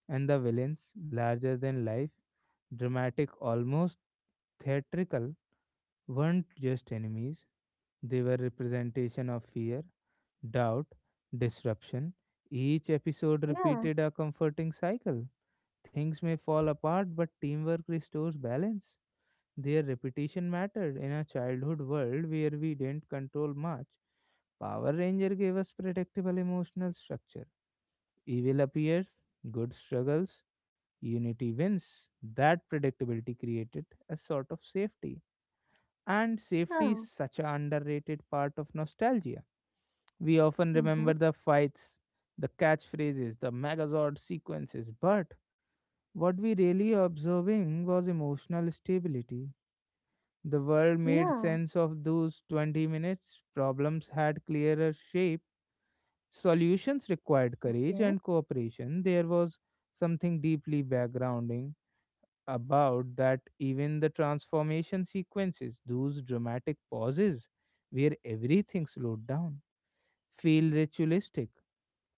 And the villains, larger than life, dramatic, almost theatrical, weren't just enemies, they were representation of fear, doubt, disruption. Each episode Yeah, repeated a comforting cycle. Things may fall apart, but teamwork restores balance. Their repetition mattered in a childhood world where we didn't control much. Power Ranger gave us predictable emotional structure. Evil appears, good struggles, unity wins. That predictability created a sort of safety. And safety is yeah, such an underrated part of nostalgia. We often remember mm-hmm. the fights, the catchphrases, the Megazord sequences, but what we really observing was emotional stability. The world Yeah, made sense of those twenty minutes, problems had clearer shape. Solutions required courage okay, and cooperation. There was something deeply backgrounding about that, even the transformation sequences, those dramatic pauses where everything slowed down, feel ritualistic,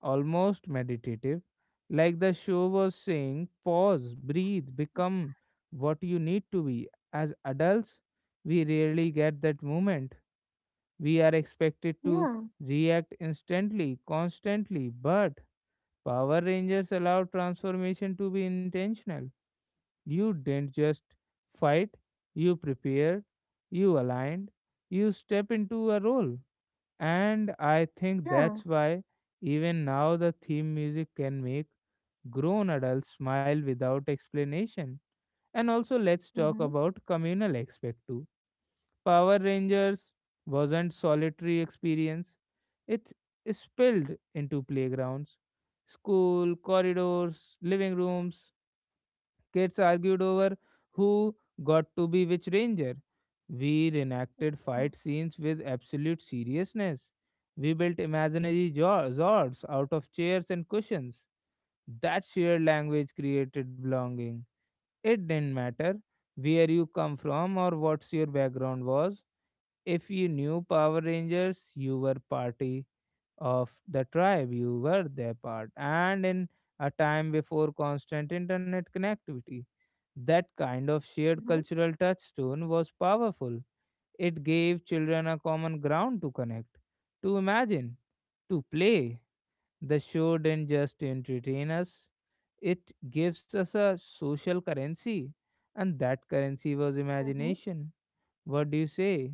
almost meditative, like the show was saying, pause, breathe, become what you need to be. As adults, we rarely get that moment. We are expected yeah. to react instantly, constantly, but Power Rangers allow transformation to be intentional. You didn't just fight, you prepared, you aligned, you step into a role. And I think Yeah. that's why even now the theme music can make grown adults smile without explanation. And also let's talk Mhm. about communal aspect too. Power Rangers wasn't solitary experience. It spilled into playgrounds, school corridors, living rooms. Kids argued over who got to be which ranger. We reenacted fight scenes with absolute seriousness. We built imaginary jo- zords out of chairs and cushions. That shared language created belonging. It didn't matter where you come from or what your background was. If you knew Power Rangers, you were party of the tribe. You were their part. And in a time before constant internet connectivity, that kind of shared Mhm. cultural touchstone was powerful. It gave children a common ground to connect, to imagine, to play. The show didn't just entertain us, it gives us a social currency. And that currency was Mhm. imagination. What do you say?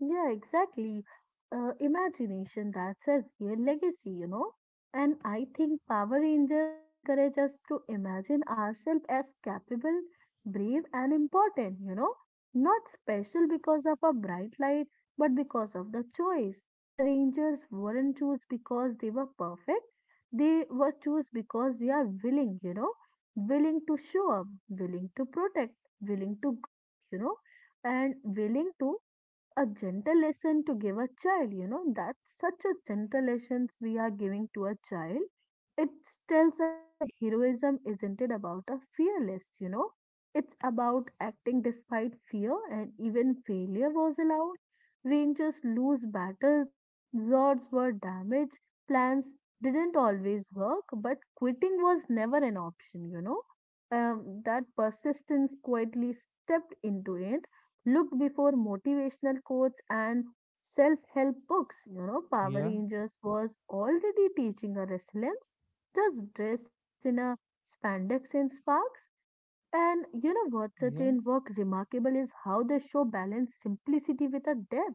Yeah, exactly. Uh, imagination, that's a real legacy, you know. And I think Power Rangers encourage us to imagine ourselves as capable, brave, and important, you know. Not special because of a bright light, but because of the choice. The Rangers weren't choose because they were perfect. They were choose because they are willing, you know, willing to show up, willing to protect, willing to grow, you know, and willing to a gentle lesson to give a child you know that's such a gentle lessons we are giving to a child it tells her that a heroism isn't it about a fearless you know it's about acting despite fear and even failure was allowed rangers lose battles lords were damaged plans didn't always work but quitting was never an option you know um, that persistence quietly stepped into it. Look before motivational quotes and self help books. You know, Power Yeah, Rangers was already teaching her resilience. Just dress in a spandex and sparks. And you know what, Sachin, yeah, work remarkable is how the show balanced simplicity with a depth.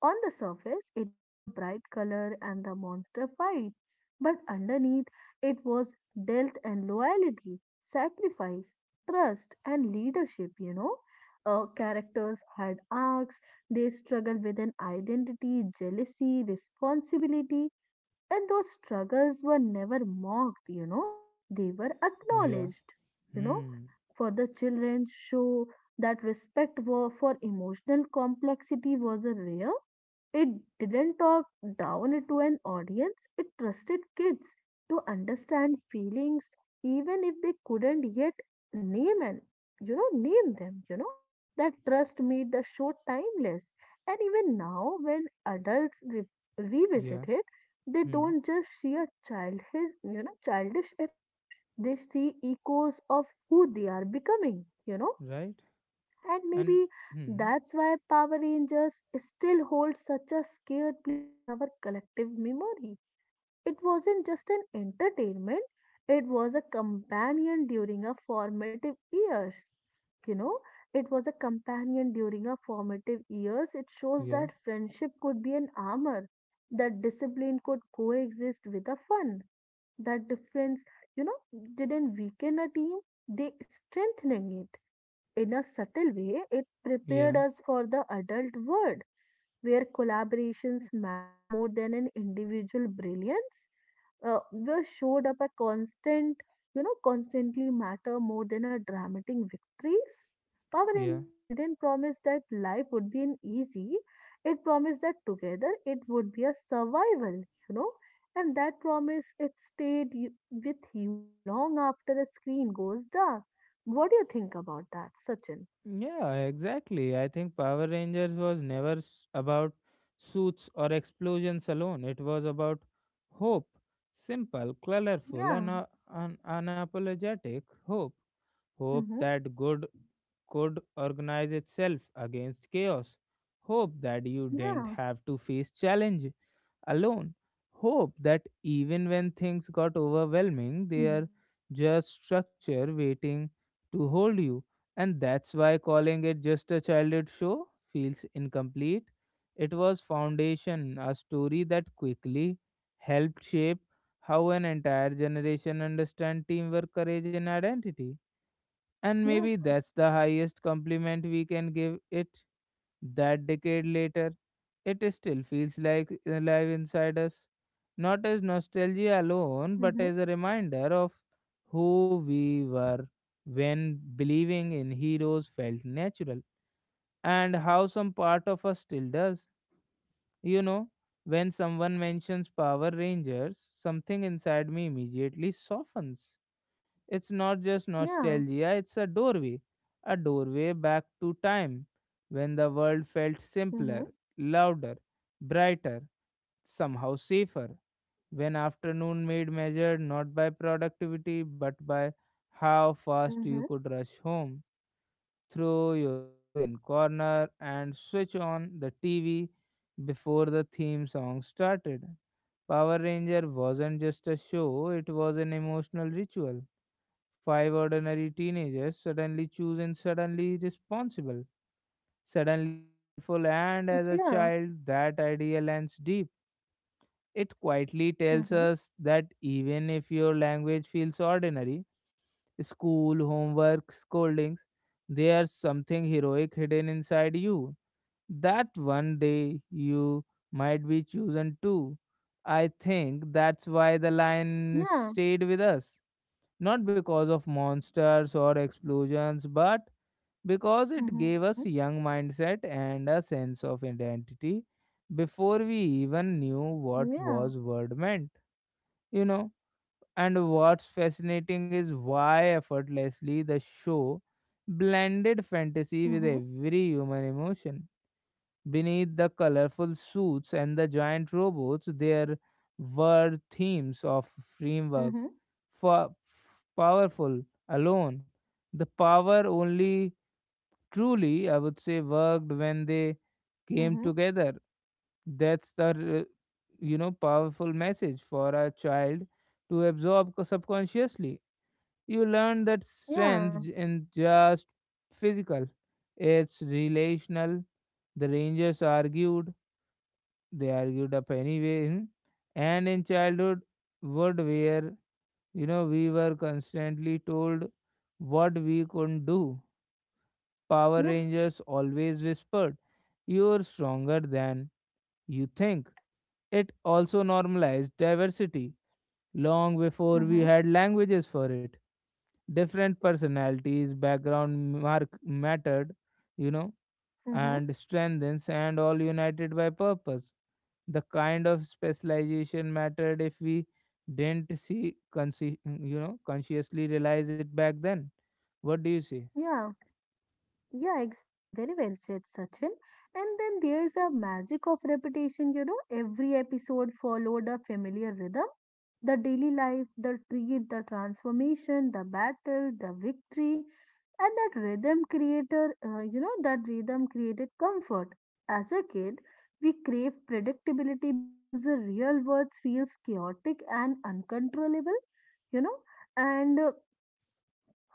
On the surface, it was a bright color and the monster fight, but underneath, it was death and loyalty, sacrifice, trust, and leadership. You know, uh, characters had arcs, they struggled with an identity, jealousy, responsibility, and those struggles were never mocked, you know, they were yeah. acknowledged, you know. Hmm. For the children, show that respect for, for emotional complexity was a rare. It didn't talk down to an audience, it trusted kids to understand feelings even if they couldn't yet name and you know name them you know that trust made the show timeless and even now when adults re- Yeah. revisit it they Hmm. don't just see a child his you know childish effect they see echoes of who they are becoming you know Right. and And maybe hmm. that's why power rangers still holds such a scared place in our collective memory. It wasn't just an entertainment, it was a companion during our formative years. You know, it was a companion during our formative years. It shows Yeah. that friendship could be an armor, that discipline could coexist with a fun, that difference, you know, didn't weaken a team, they strengthening it. In a subtle way, it prepared Yeah. us for the adult world where collaborations matter more than an individual brilliance uh, were showed up a constant, you know, constantly matter more than a dramatic victories. Power Yeah. Rangers didn't promise that life would be an easy. It promised that together it would be a survival, you know, and that promise it stayed you, with you a long after the screen goes dark. What do you think about that, Sachin? Yeah. Exactly. I think Power Rangers was never s- about suits or explosions alone. It was about hope. Simple, colorful, Yeah. and uh, un- unapologetic hope. Hope Mm-hmm. that good could organize itself against chaos. Hope that you didn't Yeah. have to face challenge alone. Hope that even when things got overwhelming, they are Mm-hmm. just structure waiting to hold you. And that's why calling it just a childhood show feels incomplete. It was foundation, a story that quickly helped shape how an entire generation understand teamwork, courage, and identity. And Yeah. maybe that's the highest compliment we can give it. That decade later, it still feels like alive inside us, not as nostalgia alone, but Mm-hmm. as a reminder of who we were when believing in heroes felt natural, and how some part of us still does. You know, when someone mentions Power Rangers, something inside me immediately softens. It's not just Yeah. nostalgia, it's a doorway, a doorway back to time when the world felt Mm-hmm. simpler, louder, brighter, somehow safer. When afternoon made measured not by productivity but by how fast you Mm-hmm. could rush home, throw your bag in corner and switch on the T V before the theme song started. Power Ranger wasn't just a show, it was an emotional ritual. Five ordinary teenagers, suddenly chosen, suddenly responsible, suddenly powerful, and as a Yeah. child, that idea lands deep. It quietly tells Mm-hmm. us that even if your language feels ordinary, school, homework, scoldings, there's something heroic hidden inside you. That one day you might be chosen too. I think that's why the lion Yeah. stayed with us not because of monsters or explosions, but because it Mm-hmm. gave us young mindset and a sense of identity before we even knew what Yeah. was word meant, you know. And what's fascinating is why effortlessly the show blended fantasy with Mhm. every human emotion. Beneath the colorful suits and the giant robots, there were themes of framework Mhm. for powerful alone. The power only truly, I would say, worked when they came Mhm. together. That's the uh, you know powerful message for a child to absorb co- subconsciously. You learn that strength Yeah. j- in just physical; it's relational. The Rangers argued, they argued up anyway. hmm. And in childhood would where you know we were constantly told what we couldn't do, power Yeah. rangers always whispered, you're stronger than you think. It also normalized diversity long before we Mhm. had languages for it. Different personalities background mark mattered, you know, Mhm. and strengthens and all united by purpose. The kind of specialization mattered if we didn't see consci- you know consciously realize it back then. What do you say? Yeah. Yeah, exactly. Very well said, Sachin. And then there's a magic of repetition, you know, every episode followed a familiar rhythm. The daily life, the treat, the transformation, the battle, the victory, and that rhythm creator, uh, you know, that rhythm created comfort. As a kid, we crave predictability because the real world feels chaotic and uncontrollable, you know, and uh,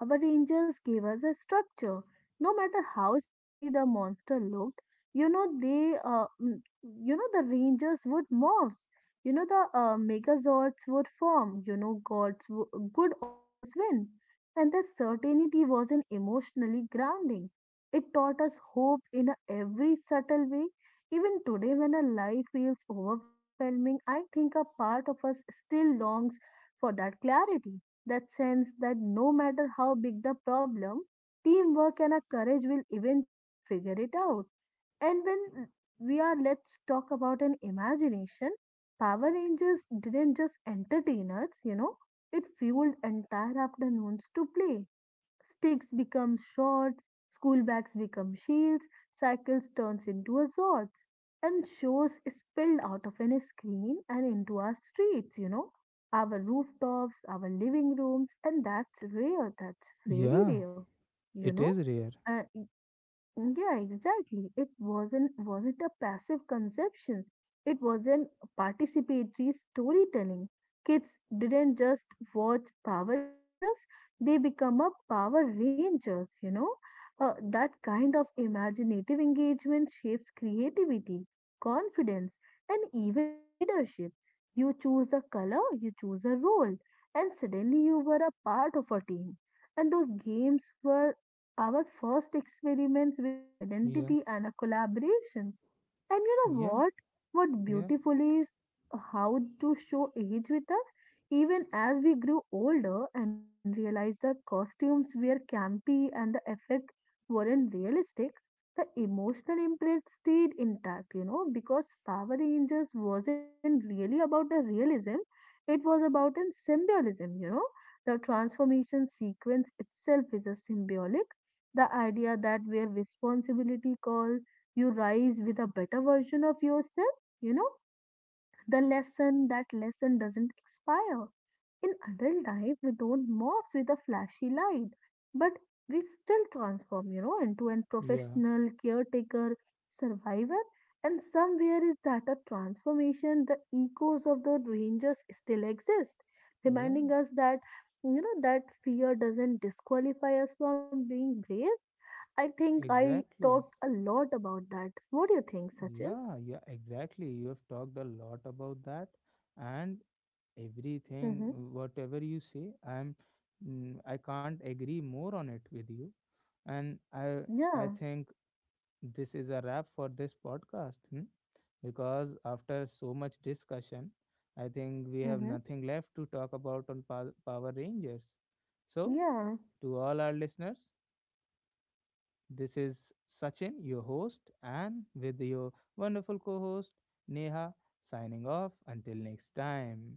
our rangers gave us a structure. No matter how scary the monster looked, you know they, uh, mm, you know the rangers would morph. You know the uh, Megazords would form. You know gods w- would always win, and that certainty was an emotionally grounding. It taught us hope in a every subtle way. Even today, when a life feels overwhelming, I think a part of us still longs for that clarity that sense that no matter how big the problem, teamwork and our courage will eventually figure it out. And when we are, let's talk about an imagination. Power Rangers didn't just entertain us, you know, it fueled entire afternoons to play. Sticks become swords, school bags become shields, cycles turns into a swords, and shows spilled out of any screen and into our streets, you know, our rooftops, our living rooms, and that's rare, that's very Yeah, rare, you it know. is rare. Uh, yeah, exactly. It wasn't wasn't a passive conceptions. It was an participatory storytelling. Kids didn't just watch Power Rangers; they become a Power Rangers. You know, uh, that kind of imaginative engagement shapes creativity, confidence, and even leadership. You choose a color, you choose a role, and suddenly you were a part of a team. And those games were our first experiments with Yeah, identity and our collaborations. And you know yeah, what? What yeah, beautiful is how to show age with us, even as we grew older and realized the costumes were campy and the effect weren't realistic. The emotional imprint stayed intact, you know, because Power Rangers wasn't really about the realism, it was about an symbolism, you know the transformation sequence itself is a symbolic the idea that where responsibility call you rise with a better version of yourself, you know, the lesson that lesson doesn't expire. In adult life, we don't morph with a flashy light, but we still transform, you know, into a yeah, professional caretaker, survivor, and somewhere is that a transformation. The echoes of the rangers still exist, yeah, reminding us that you know that fear doesn't disqualify us from being brave. I think I exactly. talked a lot about that. What do you think, Sachin? Yeah, yeah, exactly. You have talked a lot about that, and everything, Mm-hmm. whatever you say, I'm, mm, I can't agree more on it with you. And I I Yeah. think this is a wrap for this podcast, hmm, because after so much discussion, I think we have Mm-hmm. nothing left to talk about on pa- Power Rangers. So, Yeah. to all our listeners, this is Sachin, your host, and with your wonderful co-host Neha signing off until next time.